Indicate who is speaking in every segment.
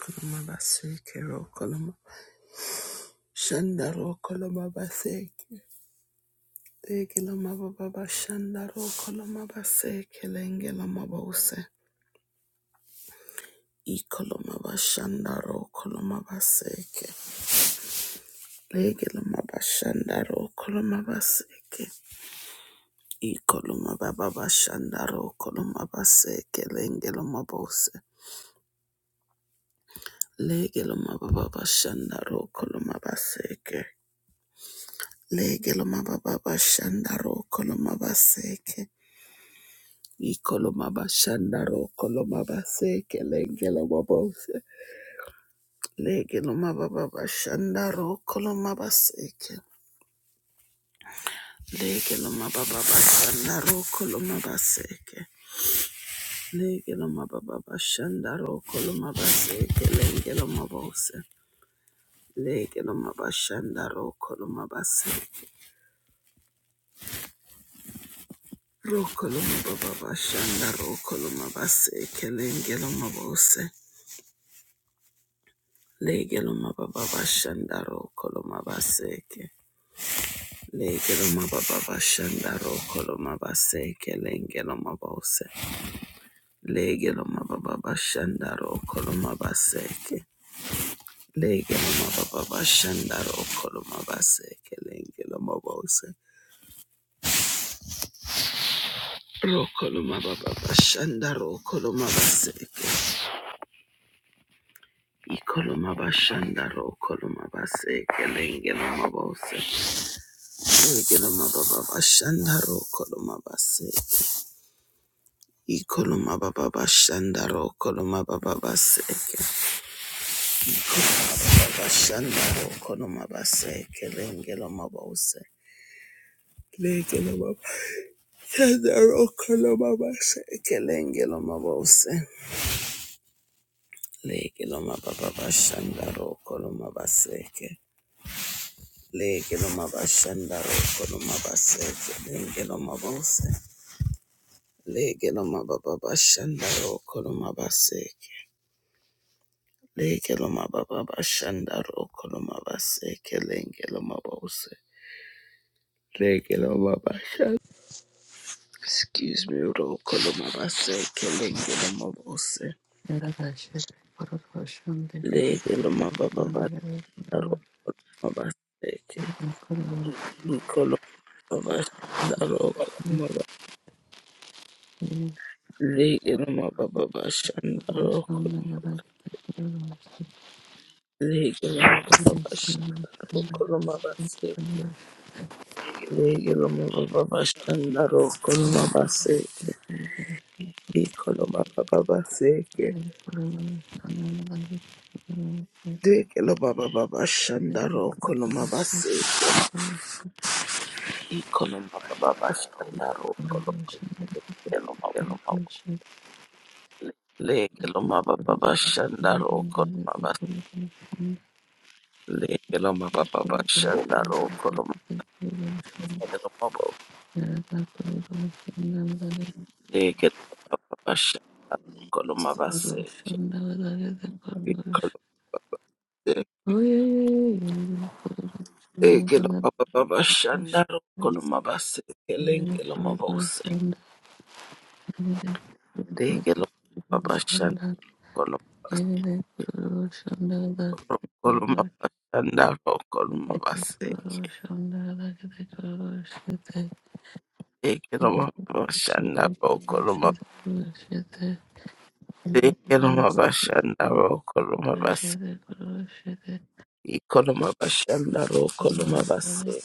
Speaker 1: Koloma baseke ro koloma shanda ro koloma baseke legela mababa bashanda ro koloma baseke lengela mabose i koloma bashanda ro koloma baseke legela mabashanda ro koloma baseke i koloma baba bashanda ro koloma baseke lengela mabose legela mababa bashanda ro koloma baseke legela mababa bashanda ro koloma baseke Ikolomaba shandaro kolomaba seke lengelo mabose. Legelo mababa bashandaro kolomaba seke. Legelo mababa bashandaro kolomaba seke. Legelo mababa bashandaro kolomaba seke lengelo mabose. Legelo mababa shandaro kolomaba se. Rokolo mababa shandaro kolomaba seke. Rokoloma baba bashanda rokoloma base kelengelo mabose. Legelo baba bashanda rokoloma baseke. Legelo mababa shandaro koloma base kelengelo mabose. Legelo mababa shandaro koloma baseke. Legelo mababa shandaro koloma base kelengelo mabose. Rokoloma baba shandaro koloma baseke. Ikoloma bashandaro koloma base kelengelo mabose. Legelo mababa shandaro koloma base Ikoloma baba bashandaro koloma baba baseke baba shandaro koloma baseke lengelo mabose lengelo mabashandaro koloma baseke lengelo mabose lengelo mababa bashandaro koloma baseke lengelo mabashandaro koloma baseke lengelo mabose lengelo mababa bashandaro koloma baseke Lekeloma baba bashanda rokoloma base kelengeloma bose. Lekeloma basha. Excuse me, rokoloma base kelengeloma bose.
Speaker 2: Thank
Speaker 1: Lekeloma baba bashanda rokoloma base ke. Koloma bashanda rokoloma base. Lekeloma baba bashanda rokoloma. Lekeloma baba bashanda rokoloma base ke. Lekeloma baba bashanda rokoloma base. Ikoloma baba baseke. Dekelo baba baba shandaro koloma baseke. Ikoloma baba bashandaro koloma lekelo mabo. Lekelo maba baba shandaro koloma bas.
Speaker 2: you.
Speaker 1: Lekelo maba
Speaker 2: Thank
Speaker 1: baba shandaro koloma lekelo mabo. Lekelo baba baba shandaro koloma baseke. Ikolo dekelo baba baba shandaro koloma baseke. Lekelo mabo se. Lekelo baba shandaro koloma baseke. Rokoloma bashanda rokoloma baseke ekeloma bashanda rokoloma
Speaker 2: you. Thank you.
Speaker 1: ekeloma bashanda rokoloma baseke ikoloma bashanda rokoloma baseke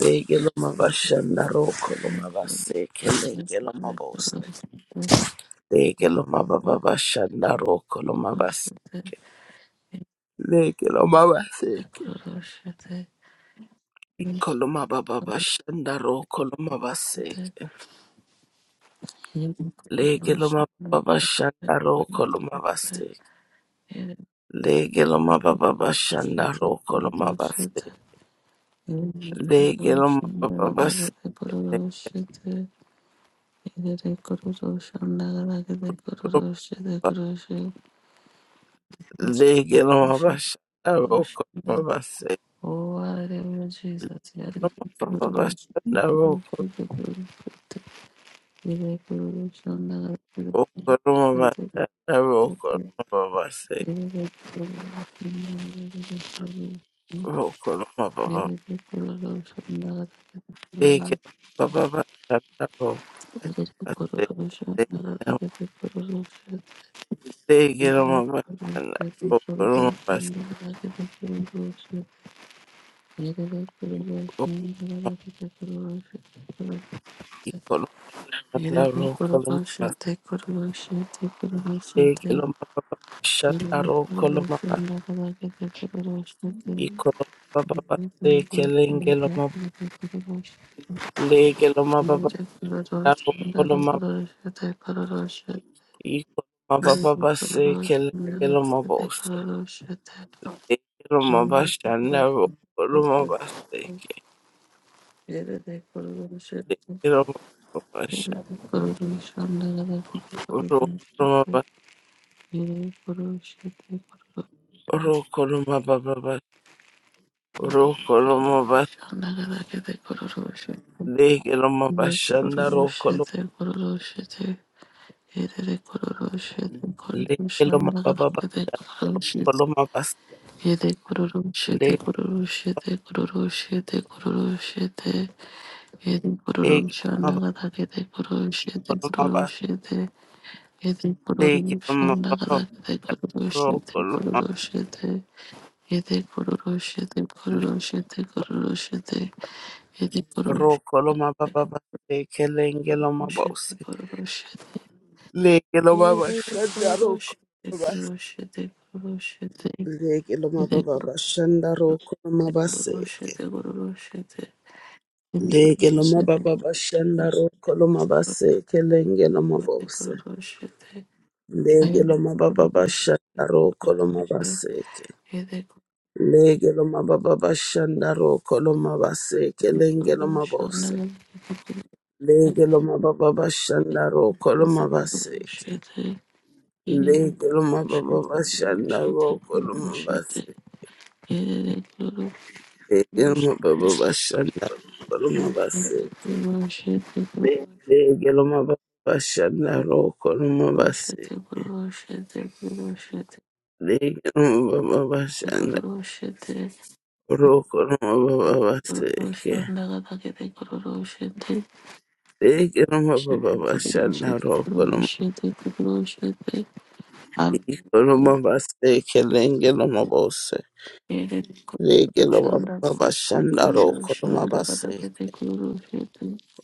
Speaker 1: legeloma bashanda rokoloma baseke legeloma bose legeloma baba bashanda rokoloma baseke legeloma baseke ikoloma baba bashanda rokoloma baseke Lege loma baba shanda roko loma base. Lege loma baba shanda roko loma base. Lege loma baba base.
Speaker 2: Erere kururuşa ndagaragede kururuşa de kururuşa
Speaker 1: Lege loma
Speaker 2: kururuşa
Speaker 1: baba shanda
Speaker 2: kururuşa
Speaker 1: roko
Speaker 2: de
Speaker 1: loma base. Lege
Speaker 2: Oh, hallelujah, Jesus. Yarare
Speaker 1: Loma
Speaker 2: kururuşa de
Speaker 1: baba shanda roko
Speaker 2: kururuşa de kururuşa de Erere kururuşa ndagaragede
Speaker 1: roko loma
Speaker 2: kururuşa de kururuşa de
Speaker 1: base. Roko loma base.
Speaker 2: Erere kururuşa ndagaragede kururuşa Erere kururuşa ndagaragede kururuşa
Speaker 1: Roko loma baba.
Speaker 2: Erere kururuşa
Speaker 1: Lege loma baba shanda roko base.
Speaker 2: ndagaragede kururuşa
Speaker 1: Lege
Speaker 2: Thank
Speaker 1: loma baba shanda roko loma base. Shandaro koloma baste keloma baba shandaro koloma baste ikoloma baba baste kelenge loma lege loma baba shandaro koloma baste ikoloma baba baste kelenge loma baste
Speaker 2: you.
Speaker 1: lege
Speaker 2: Thank
Speaker 1: loma baba
Speaker 2: you.
Speaker 1: shandaro koloma baste kelenge loma baba shandaro koloma baste ro koloma baba baste ro koloma baste lege loma baba shandaro koloma lege loma baba baste
Speaker 2: Yete kururu shete
Speaker 1: Lege
Speaker 2: kururu shete kururu shete kururu shete yete kururu shanda
Speaker 1: mava
Speaker 2: gada kete kururu shete
Speaker 1: koloma
Speaker 2: kururu shete yete
Speaker 1: vaseke
Speaker 2: kururu
Speaker 1: loma
Speaker 2: shanda
Speaker 1: baba
Speaker 2: gada kete kururu shete
Speaker 1: roko loma
Speaker 2: kururu shete yete kururu shete kururu shete kururu shete yete kururu
Speaker 1: roko
Speaker 2: shanda
Speaker 1: loma baba
Speaker 2: gada
Speaker 1: vaseke
Speaker 2: kete
Speaker 1: lenge
Speaker 2: kururu
Speaker 1: loma
Speaker 2: shete
Speaker 1: bose
Speaker 2: kururu shete
Speaker 1: lege loma
Speaker 2: yete kururu shete kururu shete kururu shete yete kururu shete kururu
Speaker 1: bashanda roko loma lege loma baba bashanda roko loma vaseke
Speaker 2: shete kururu shete
Speaker 1: lege loma
Speaker 2: Yerifurushite,
Speaker 1: baba bashanda roko loma vaseke lenge loma bose lege loma baba bashanda roko loma vaseke lege loma baba bashanda roko loma vaseke lenge loma bose Lege loma baba bashanda roko loma baseke. Lege loma baba bashanda roko loma baseke. Lege loma baba bashanda roko loma baseke. Lege loma baba bashanda roko loma baseke. Lege loma baba bashanda roko loma baba baseke. Lege loma baba bashanda roko loma
Speaker 2: Um,
Speaker 1: iko loma baseke. Lege loma bose. Lege loma baba bashanda roko loma baseke.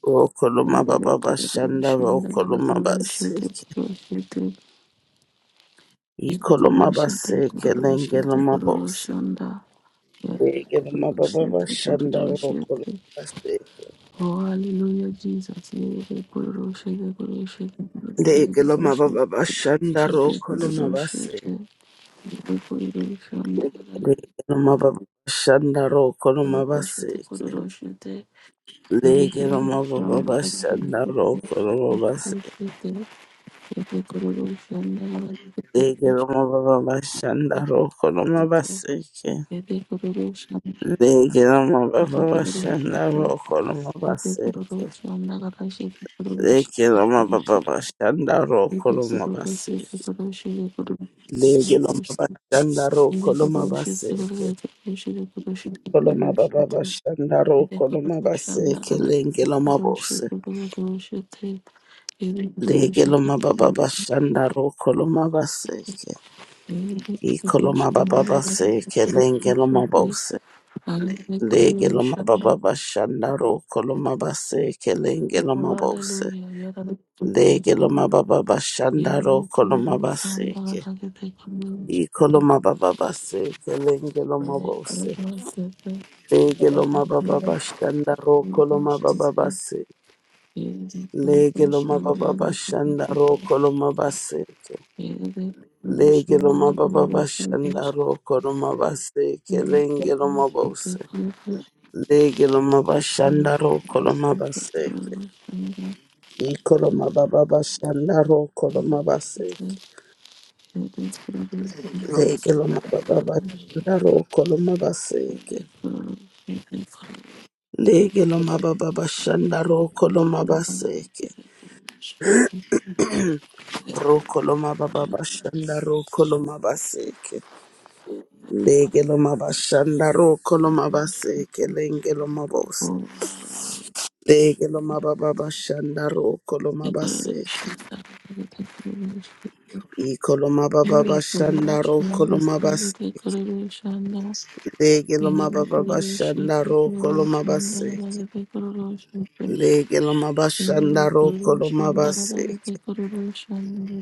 Speaker 1: Okoloma baba bashanda okoloma baseke ikoloma baseke lengeloma bose legeloma baba bashanda okoloma baseke
Speaker 2: Oh, hallelujah, Jesus. Hallelujah,
Speaker 1: legeloma baba bashanda okoloma baseke legeloma baba bashanda okoloma baseke
Speaker 2: Jesus. Thank you.
Speaker 1: legeloma baba bashanda okoloma baseke legeloma baba bashanda okoloma baseke legeloma baba bashanda okoloma baseke Leke loma baba bashanda ro koloma base. Leke loma bashanda ro koloma base. Koloma baba bashanda ro koloma base. Leke loma bose. Leke loma baba bashanda ro koloma base.
Speaker 2: Hallelujah.
Speaker 1: I koloma baba base. Leke loma bose. Leke loma baba bashanda ro koloma base. Leke loma bose. Leke loma baba bashanda ro koloma base. Ikoloma baba base kelengeloma mabose legelo baba bashanda ro koloma baba base. Legeloma baba bashanda ro koloma base. legelo baba bashanda ro koloma base kelengeloma mabose legelo mabashanda ro koloma base. Ikoloma baba bashanda ro koloma base.
Speaker 2: Thank
Speaker 1: legelo baba bashanda ro koloma base. Lege loma baba bashanda roko loma baseke. roko loma baba bashanda roko loma baseke. Lege loma bashanda roko loma baseke. Lenge loma bose. Lege loma baba bashanda roko loma baseke. Iko loma baba bashanda roko loma baseke. Lege loma baba bashanda roko loma baseke. Lege loma bashanda roko loma baseke.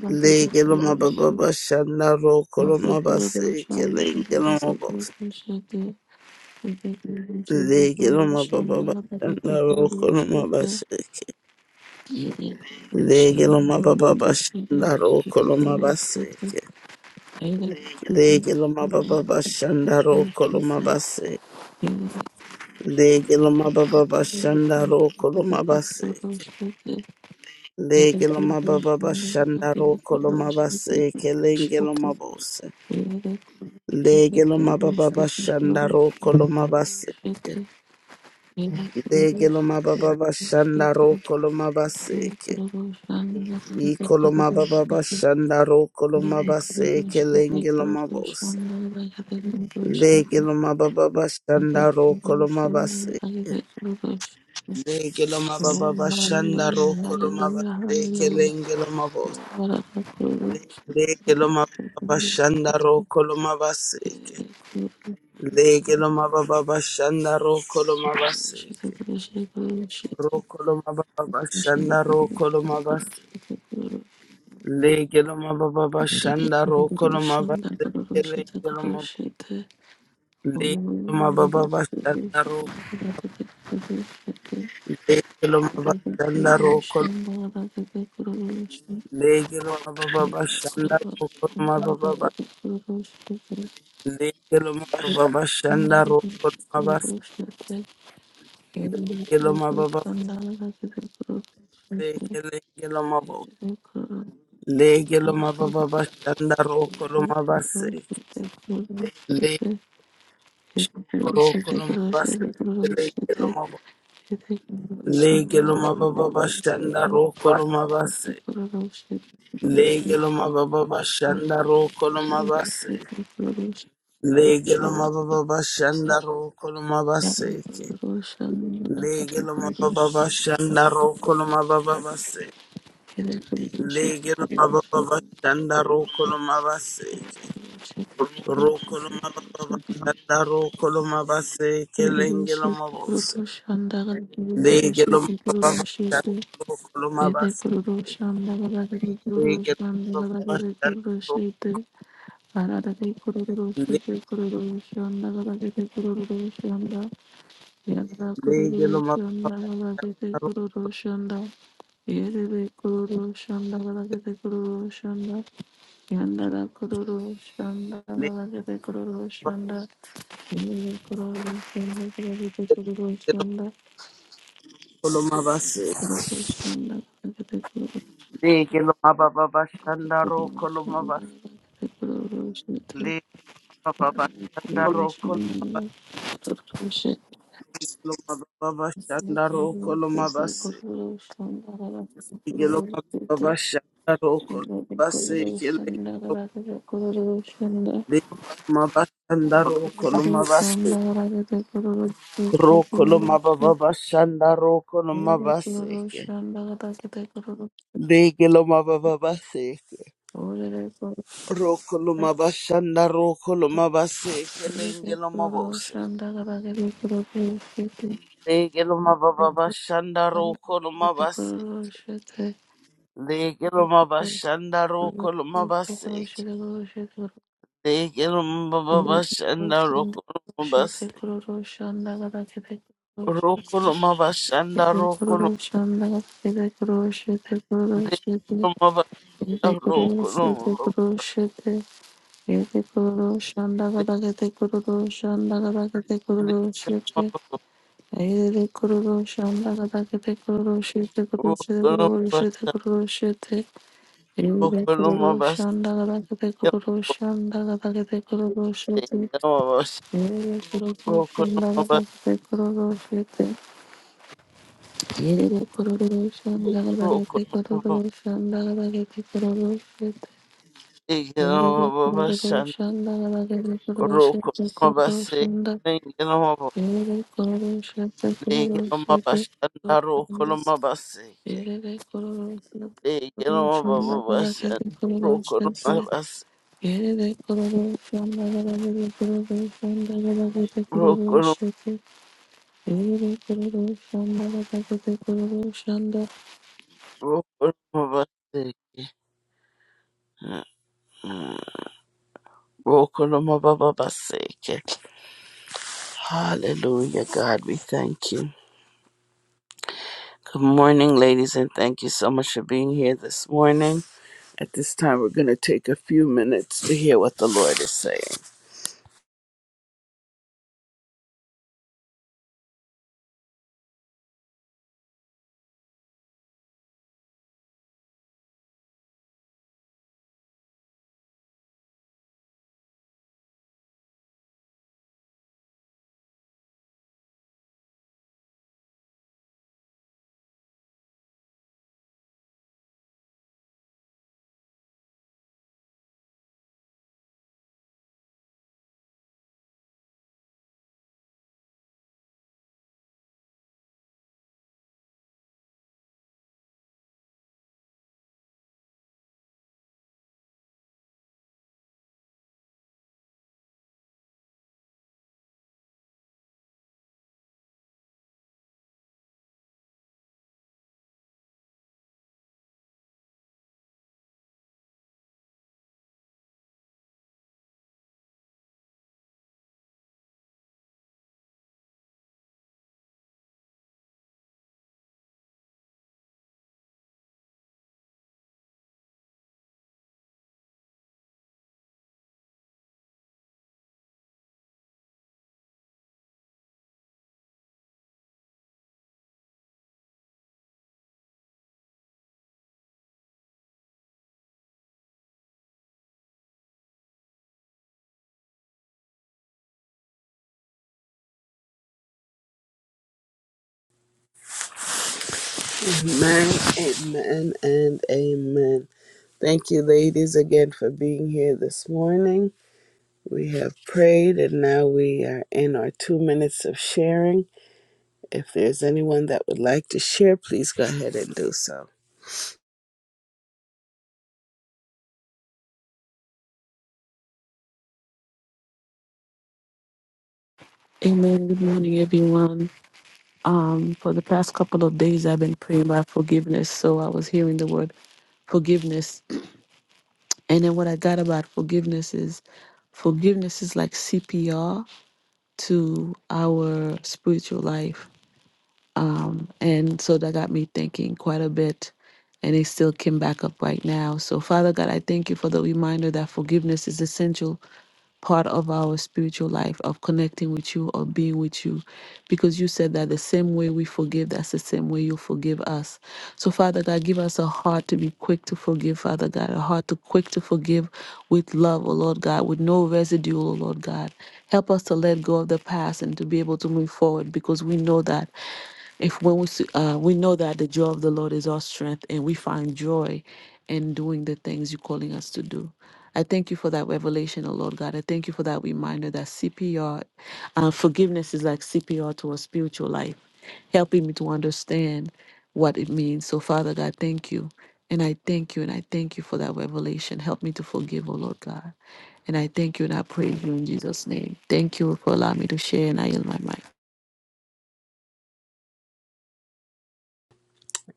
Speaker 1: Legeloma baba bashanda ro koloma base kelengeloma bose.
Speaker 2: you. Thank
Speaker 1: Legeloma baba bashanda ro koloma baseke. Legeloma baba bashanda ro koloma baseke. Legeloma baba bashanda ro koloma base. Legeloma baba bashanda ro koloma baseke. Legeloma baba bashanda ro koloma baseke lengeloma bose. Legeloma baba bashanda ro koloma base. Dege lo mababa bashanda
Speaker 2: you.
Speaker 1: roko lo mabaseke.
Speaker 2: Hallelujah, hallelujah,
Speaker 1: Iko lo mababa
Speaker 2: hallelujah.
Speaker 1: bashanda roko lo mabaseke lenge lo mabose. Dege lo mababa bashanda roko lo mabaseke. Dege lo mababa bashanda roko lo mabaseke
Speaker 2: Hallelujah.
Speaker 1: lenge lo mabose. Dege lo mababa bashanda roko lo mabaseke. Dege lo mababa bashanda roko lo mabaseke. Roko lo mababa bashanda roko lo mabaseke. Legelo mababa bashanda rokolo mabasele gelo mab-
Speaker 2: Thank
Speaker 1: legelo mababa bashanda ro legelo mabashanda rokolo legelo mababa bashanda rokolo mababa ba- legelo mababa bashanda rokolo mabas gelo mababa sekele gelo mabo legelo mababa bashanda rokolo mabase le rokolo mabase
Speaker 2: you. Shit,
Speaker 1: Lege lo mababa bashanda roko lo mabase. Lege lo mababa bashanda roko lo mabase. Lege lo mababa bashanda roko lo mabase. Lege lo mababa bashanda roko lo mababa base. Lege lo mababa bashanda roko lo mabase. Roko lo mababa bashanda roko lo mabase. Lenge lo mabose. Lege lo mababa bashanda roko lo mabase. Legelo
Speaker 2: Hararari kururuşu ki kururuşunda gazetesi kururuşunda yazda kururuşunda gazetesi kururuşunda yeri kururuşunda gazetesi kururuşunda yandara kururuşunda gazetesi kururuşunda yeri kururuşunda gazetesi kururuşunda kururuşunda gazetesi
Speaker 1: mababa
Speaker 2: kururuşunda gazetesi kururuşunda kururuşunda Thank
Speaker 1: baseke. Rokoloma bashanda rokoloma base kelengeloma bose. Legeloma baba bashanda rokoloma base. Legeloma bashanda rokoloma base.
Speaker 2: you.
Speaker 1: Legeloma baba bashanda
Speaker 2: Roshinda
Speaker 1: rokoloma
Speaker 2: Roshete
Speaker 1: base.
Speaker 2: Kururu Shanda Garakete Roshete
Speaker 1: Rokoloma bashanda rokoloma.
Speaker 2: Kururu Shanda Garakete Roshete Kururu Shete
Speaker 1: Legeloma
Speaker 2: Ede
Speaker 1: bashanda
Speaker 2: Kururu Shete
Speaker 1: rokoloma.
Speaker 2: Kururu Shete Ede Kururu Shanda Garakete Kururu Shanda Garakete Kururu
Speaker 1: Legeloma
Speaker 2: Shete Ede Kururu Shanda Garakete Kururu Shete Kururu Shete
Speaker 1: rokoloma
Speaker 2: Kururu Shete
Speaker 1: bashanda
Speaker 2: Kururu Shete Ede
Speaker 1: rokoloma
Speaker 2: Kururu
Speaker 1: base.
Speaker 2: Shanda Garakete Kururu
Speaker 1: Legeloma bashanda
Speaker 2: Yerere kururu şandala bakte kururu şete. Yerere kururu şandala
Speaker 1: rokoloma
Speaker 2: bakte
Speaker 1: base.
Speaker 2: kururu şandala bakte kururu şete.
Speaker 1: Legend
Speaker 2: Yerere kururu şandala bakte kururu şete
Speaker 1: Rokoloma
Speaker 2: kururu
Speaker 1: Basek,
Speaker 2: şanda.
Speaker 1: Legend
Speaker 2: Yerere kururu şete kururu
Speaker 1: Legend
Speaker 2: şete
Speaker 1: Bashanda
Speaker 2: kururu şanda.
Speaker 1: Rokoloma Basek,
Speaker 2: Yerere kururu
Speaker 1: Legend
Speaker 2: şete kururu şandala
Speaker 1: Bashan
Speaker 2: bakte kururu
Speaker 1: Rokoloma
Speaker 2: şete.
Speaker 1: Bas
Speaker 2: Yerere kururu şandala bakte kururu şandala bakte kururu
Speaker 1: Rokoloma
Speaker 2: şete. Amen. Good
Speaker 1: Rokoloma Basek, Rokoloma Baba Basek. Hallelujah, God, we thank you. Good morning, ladies, and thank you so much for being here this morning. At this time, we're going to take a few minutes to hear what the Lord is saying. Amen, amen, and amen. Thank you, ladies, again for being here this morning. We have prayed and now we are in our two minutes of sharing. If there's anyone that would like to share, please go ahead and do so.
Speaker 2: morning, everyone. Um, for the past couple of days, I've been praying about forgiveness. So I was hearing the word forgiveness. And then what I got about forgiveness is forgiveness is like CPR to our spiritual life. Um, and so that got me thinking quite a bit. And it still came back up right now. So, Father God, I thank you for the reminder that forgiveness is essential part of our spiritual life of connecting with you of being with you because you said that the same way we forgive that's the same way you forgive us so father god give us a heart to be quick to forgive father god a heart to quick to forgive with love oh lord god with no residue oh lord god help us to let go of the past and to be able to move forward because we know that if when we s- uh, we know that the joy of the lord is our strength and we find joy in doing the things you're calling us to do I thank you for that revelation, oh Lord God. I thank you for that reminder that CPR, uh, forgiveness is like CPR to a spiritual life, helping me to understand what it means. So, Father God, thank you. And I thank you and I thank you for that revelation. Help me to forgive, oh Lord God. And I thank you and I praise you in Jesus' name. Thank you for allowing me to share and I yield my mic.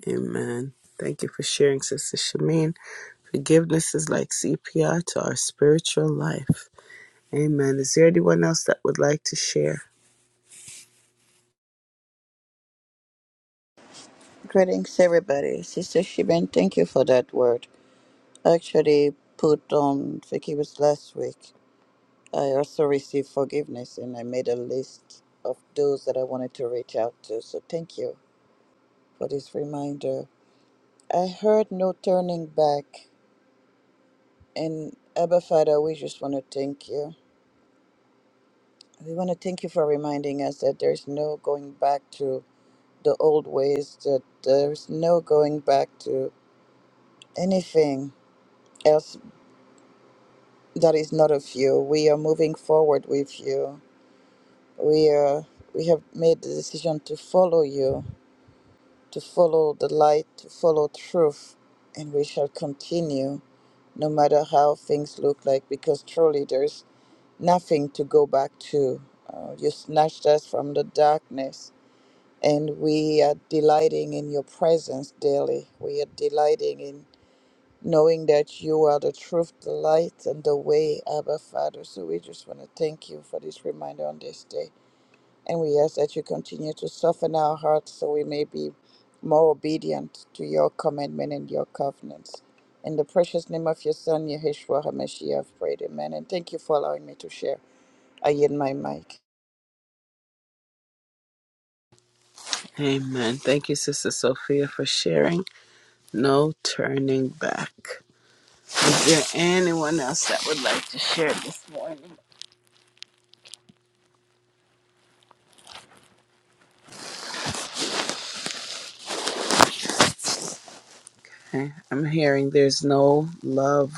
Speaker 1: Amen. Thank you for sharing, Sister Shamin. Forgiveness is like CPR to our spiritual life. Amen. Is there anyone else that would like to share?
Speaker 3: Greetings, everybody. Sister Shiben, thank you for that word. I actually put on forgiveness last week. I also received forgiveness and I made a list of those that I wanted to reach out to. So thank you for this reminder. I heard no turning back. And Abba Father, we just want to thank you. We want to thank you for reminding us that there's no going back to the old ways, that there's no going back to anything else. that is not of you. We are moving forward with you. We are we have made the decision to follow you, to follow the light, to follow truth, and we shall continue no matter how things look like because truly there's nothing to go back to. Uh, you snatched us from the darkness and we are delighting in your presence daily. We are delighting in knowing that you are the truth, the light, and the way, Abba Father. So we just want to thank you for this reminder on this day. And we ask that you continue to soften our hearts so we may be more obedient to your commandment and your covenants. In the precious name of your Son, Yeshua HaMashiach, I've prayed, Amen. And thank you for allowing me to share. I yield my mic.
Speaker 1: Amen. Thank you, Sister Sophia, for sharing. No turning back. Is there anyone else that would like to share this morning? Okay, I'm hearing there's no love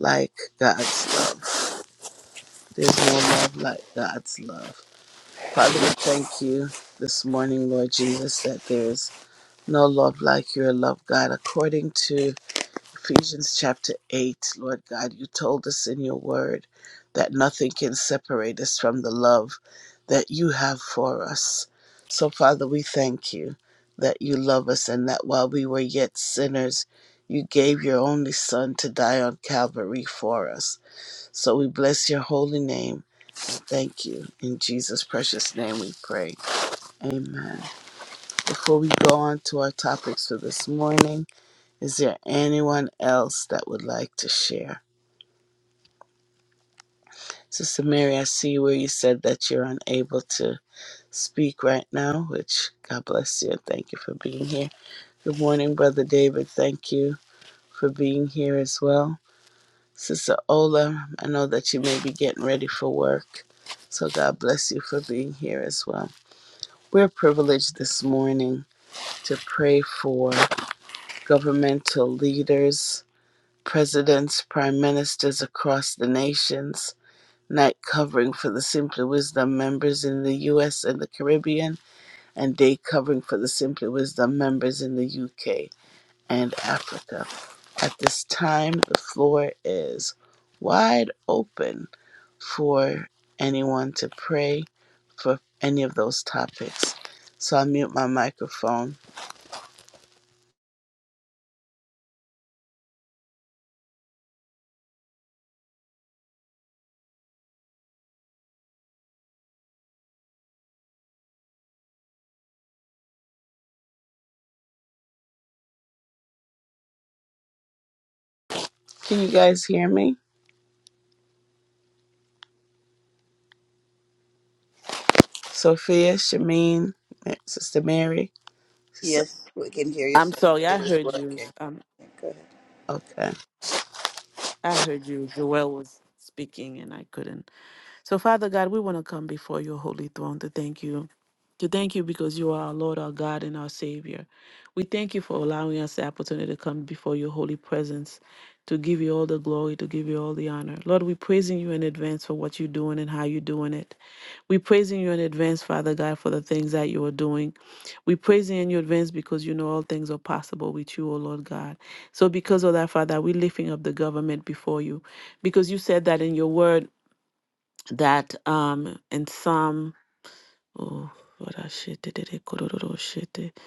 Speaker 1: like God's love. There's no love like God's love. Father, we thank you this morning, Lord Jesus, that there's no love like your love, God, according to Ephesians chapter 8, Lord God, you told us in your word that nothing can separate us from the love that you have for us. So, Father, we thank you that you love us and that while we were yet sinners, you gave your only Son to die on Calvary for us. So we bless your holy name. Thank you. In Jesus' precious name we pray. Amen. Before we go on to our topics for this morning, is there anyone else that would like to share? Sister Mary, I see where you said that you're unable to speak right now, which God bless you and thank you for being here. Good morning, Brother David. Thank you for being here as well. Sister Ola, I know that you may be getting ready for work, so God bless you for being here as well. We're privileged this morning to pray for governmental leaders, presidents, prime ministers across the nations night covering for the Simply Wisdom members in the US and the Caribbean, and day covering for the Simply Wisdom members in the UK and Africa. At this time, the floor is wide open for anyone to pray for any of those topics. So I'll mute my microphone. Can you guys hear me? Sophia, Shameen, Sister Mary? Sister,
Speaker 3: Yes, we can hear you.
Speaker 2: I'm
Speaker 3: sir.
Speaker 2: sorry, I
Speaker 3: It was
Speaker 2: heard you.
Speaker 3: working.
Speaker 2: Um,
Speaker 3: Go ahead.
Speaker 1: okay.
Speaker 2: I heard you. Joelle was speaking, and I couldn't. So, Father God, we want to come before your holy throne to thank you. To thank you because you are our Lord, our God, and our Savior. We thank you for allowing us the opportunity to come before your holy presence to give you all the glory, to give you all the honor. Lord, we're praising you in advance for what you're doing and how you're doing it. We're praising you in advance, Father God, for the things that you are doing. We're praising you in your advance because you know all things are possible with you, O Lord God. So because of that, Father, we're lifting up the government before you because you said that in your word that um in some, oh what I shit did it it, kororo shit it.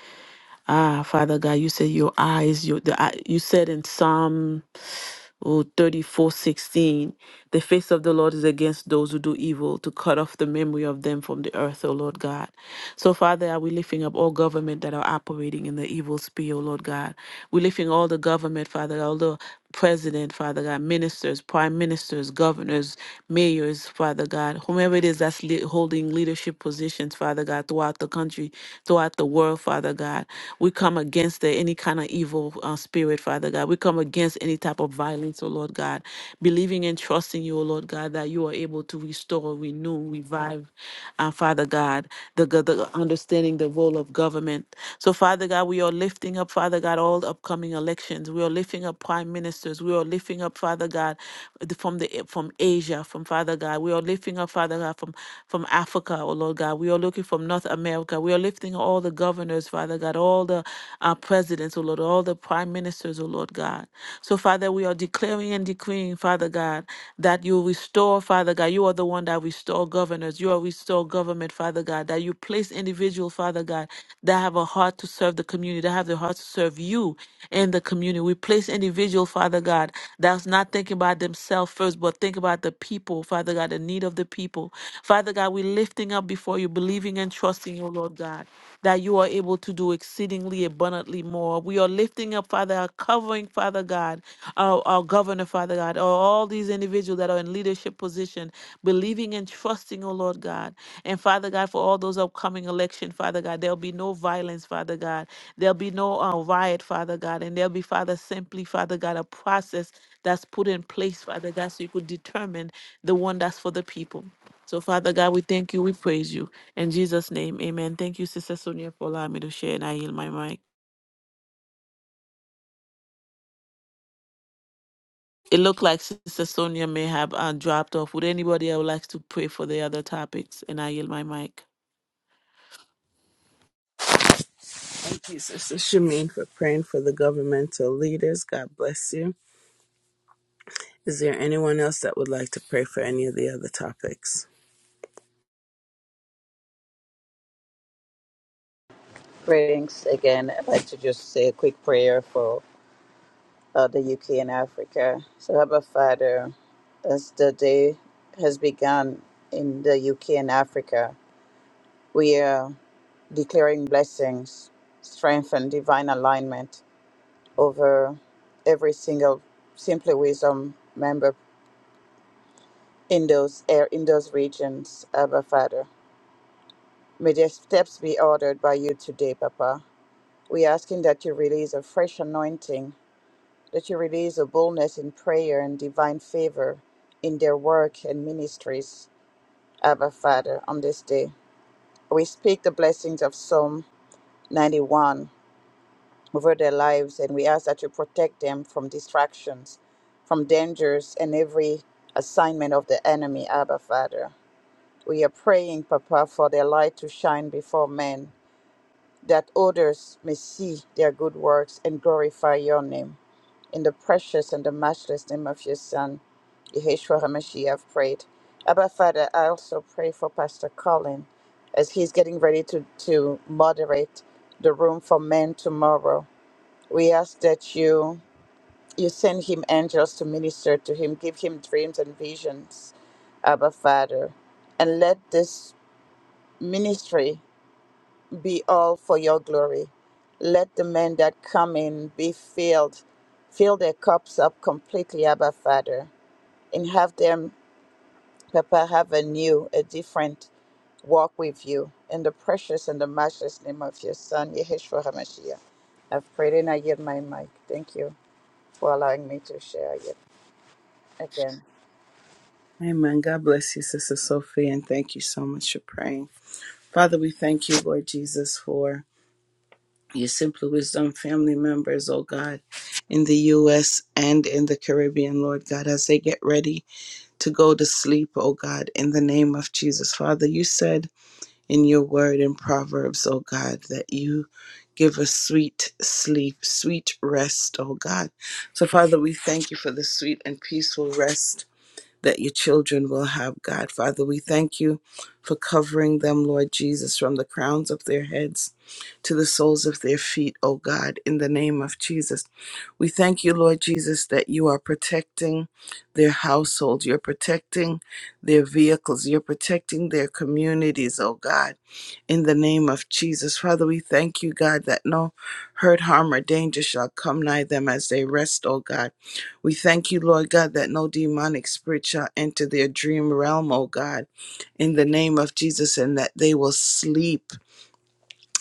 Speaker 2: ah Father God you said your eyes your the eye- you said in Psalm Oh, 34 16. The face of the Lord is against those who do evil, to cut off the memory of them from the earth, O Lord God. So, Father, are we lifting up all government that are operating in the evil spirit, O Lord God? We're lifting all the government, Father, all the president, Father God, ministers, prime ministers, governors, mayors, Father God, whomever it is that's le- holding leadership positions, Father God, throughout the country, throughout the world, Father God. We come against the, any kind of evil uh, spirit, Father God. We come against against any type of violence, oh Lord God, believing and trusting you, oh Lord God, that you are able to restore, renew, revive, uh, Father God, the, go- the understanding the role of government. So, Father God, we are lifting up, Father God, all the upcoming elections. We are lifting up prime ministers. We are lifting up, Father God, the- from the eh, from Asia, from Father God. We are lifting up, Father God, from from Africa, oh Lord God. We are looking from North America. We are lifting all the governors, Father God, all the uh, presidents, oh Lord, all the prime ministers ministers, O Lord God. So, Father, we are declaring and decreeing, Father God, that you restore, Father God. You are the one that restore governors. You are restore government, Father God. That you place individual, Father God, that have a heart to serve the community, that have the heart to serve you in the community. We place individual, Father God, that's not thinking about themselves first, but think about the people, Father God, the need of the people. Father God, we're lifting up before you, believing and trusting you, Lord God, that you are able to do exceedingly abundantly more. We we are lifting up, Father, our covering, Father God, our, our governor, Father God, or all these individuals that are in leadership position, believing and trusting, oh Lord God. And Father God, for all those upcoming election, Father God, there'll be no violence, Father God. There'll be no uh, riot, Father God. And there'll be, Father, simply, Father God, a process that's put in place, Father God, so you could determine the one that's for the people. So, Father God, we thank you, we praise you. In Jesus' name, amen. Thank you, Sister Sonia, for allowing me to share, and I yield my mic. It looked like Sister Sonia may have uh, dropped off. Would anybody else like to pray for the other topics? And I yield my mic.
Speaker 1: Thank you, Sister Shamin, for praying for the governmental leaders. God bless you. Is there anyone else that would like to pray for any of the other topics?
Speaker 3: Greetings again. I'd like to just say a quick prayer for. of the UK and Africa. So, Abba Father, as the day has begun in the UK and Africa, we are declaring blessings, strength, and divine alignment over every single Simply Wisdom member in those air in those regions, Abba Father. May their steps be ordered by you today, Papa. We're asking that you release a fresh anointing that you release a boldness in prayer and divine favor in their work and ministries, Abba Father, on this day. We speak the blessings of Psalm 91 over their lives and we ask that you protect them from distractions, from dangers, and every assignment of the enemy, Abba Father. We are praying, Papa, for their light to shine before men, that others may see their good works and glorify your name. In the precious and the matchless name of your Son, Yeshua HaMashiach, I've prayed. Abba Father, I also pray for Pastor Colin as he's getting ready to, to moderate the room for men tomorrow. We ask that you you send him angels to minister to him, give him dreams and visions, Abba Father, and let this ministry be all for your glory. Let the men that come in be filled, fill their cups up completely, Abba Father, and have them, Papa, have a new, a different walk with you. In the precious and the matchless name of your Son, Yeshua HaMashiach. I've prayed and I give my mic. Thank you for allowing me to share it again.
Speaker 1: Amen. God bless you, Sister Sophie, and thank you so much for praying. Father, we thank you, Lord Jesus, for your Simply Wisdom family members, oh God, in the U.S. and in the Caribbean, Lord God, as they get ready to go to sleep, oh God, in the name of Jesus. Father, you said in your word in Proverbs, oh God, that you give us sweet sleep, sweet rest, oh God. So, Father, we thank you for the sweet and peaceful rest that your children will have, God. Father, we thank you for covering them, Lord Jesus, from the crowns of their heads to the soles of their feet, O God, in the name of Jesus. We thank you, Lord Jesus, that you are protecting their households, you're protecting their vehicles, you're protecting their communities, O God, in the name of Jesus. Father, we thank you, God, that no hurt, harm, or danger shall come nigh them as they rest, O God we thank you, Lord God, that no demonic spirit shall enter their dream realm, O God, in the name of Jesus, and that they will sleep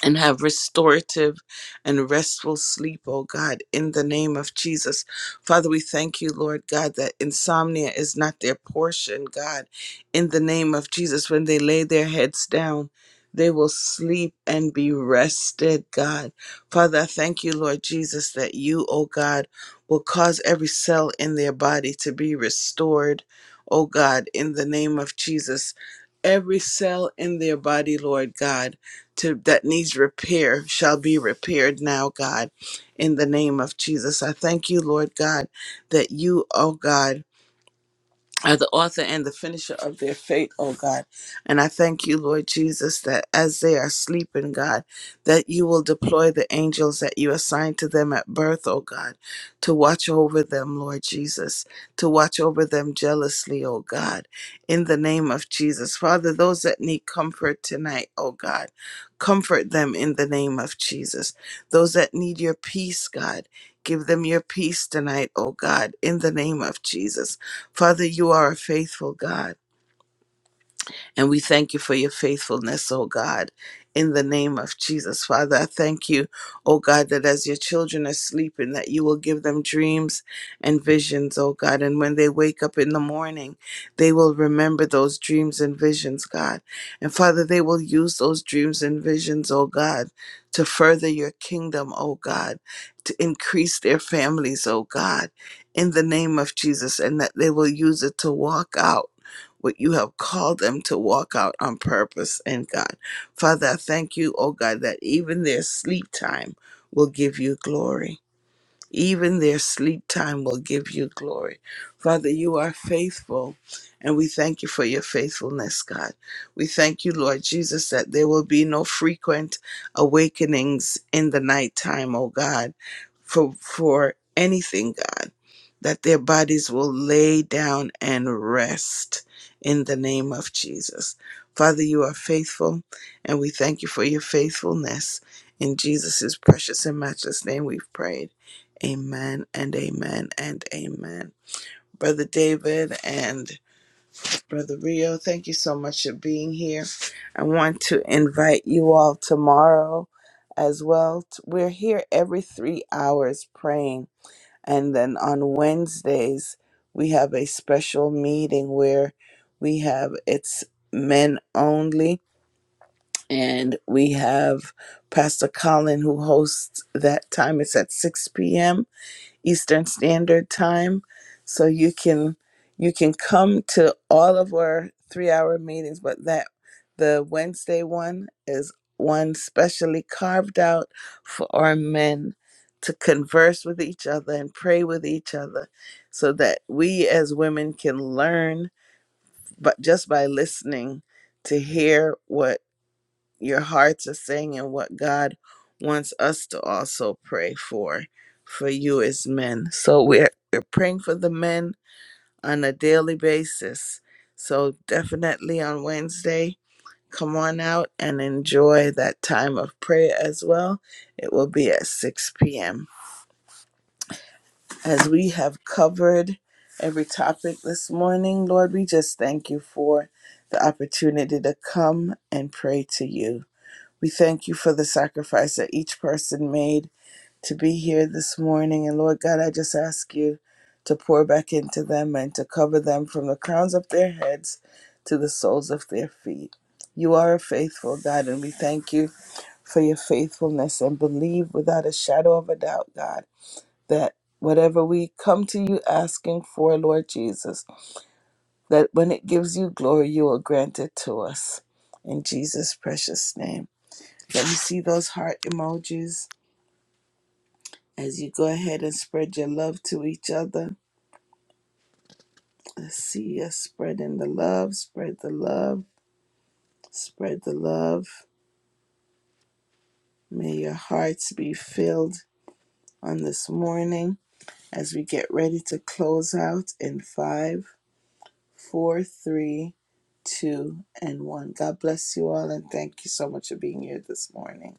Speaker 1: and have restorative and restful sleep, oh God, in the name of Jesus. Father, we thank you, Lord God, that insomnia is not their portion, God, in the name of Jesus. When they lay their heads down, they will sleep and be rested, God. Father, I thank you, Lord Jesus, that you, oh God, will cause every cell in their body to be restored, oh God, in the name of Jesus. Every cell in their body, Lord God to that needs repair shall be repaired now, God, in the name of Jesus. I thank you, Lord God, that you, oh God are the author and the finisher of their faith, oh God. And I thank you, Lord Jesus, that as they are sleeping, God, that you will deploy the angels that you assigned to them at birth, oh God, to watch over them, Lord Jesus, to watch over them jealously, oh God, in the name of Jesus. Father, those that need comfort tonight, oh God, comfort them in the name of Jesus. Those that need your peace, God, give them your peace tonight, oh God, in the name of Jesus Father, you are a faithful God. And we thank you for your faithfulness, oh God, in the name of Jesus. Father, I thank you, oh God, that as your children are sleeping, that you will give them dreams and visions, oh God. And when they wake up in the morning, they will remember those dreams and visions, God. And Father, they will use those dreams and visions, oh God, to further your kingdom, oh God, to increase their families, oh God, in the name of Jesus, and that they will use it to walk out what you have called them to walk out on purpose in God. Father, I thank you, oh God, that even their sleep time will give you glory. Even their sleep time will give you glory. Father, you are faithful, and we thank you for your faithfulness, God. We thank you, Lord Jesus, that there will be no frequent awakenings in the nighttime, oh God, for, for anything, God, that their bodies will lay down and rest in the name of Jesus. Father, you are faithful, and we thank you for your faithfulness. In Jesus' precious and matchless name, we've prayed. Amen and amen and amen. Brother David and Brother Rio, thank you so much for being here. I want to invite you all tomorrow as well. T- We're here every three hours praying. And then on Wednesdays, we have a special meeting where we have it's men only. And we have Pastor Colin who hosts that time. It's at 6 p.m Eastern Standard Time. So you can you can come to all of our three hour meetings, but that the Wednesday one is one specially carved out for our men to converse with each other and pray with each other so that we as women can learn but just by listening to hear what your hearts are saying and what God wants us to also pray for for you as men. So we're we're praying for the men on a daily basis. So definitely on Wednesday, come on out and enjoy that time of prayer as well. It will be at 6 p.m. As we have covered every topic this morning, Lord, we just thank you for the opportunity to come and pray to you. We thank you for the sacrifice that each person made to be here this morning. And Lord God, I just ask you to pour back into them and to cover them from the crowns of their heads to the soles of their feet. You are a faithful God, and we thank you for your faithfulness and believe without a shadow of a doubt, God, that whatever we come to you asking for, Lord Jesus, that when it gives you glory, you will grant it to us. In Jesus' precious name. Let me see those heart emojis as you go ahead and spread your love to each other. Let's see us spreading the love, spread the love, spread the love. May your hearts be filled on this morning as we get ready to close out in five, four, three, two, and one. God bless you all and thank you so much for being here this morning.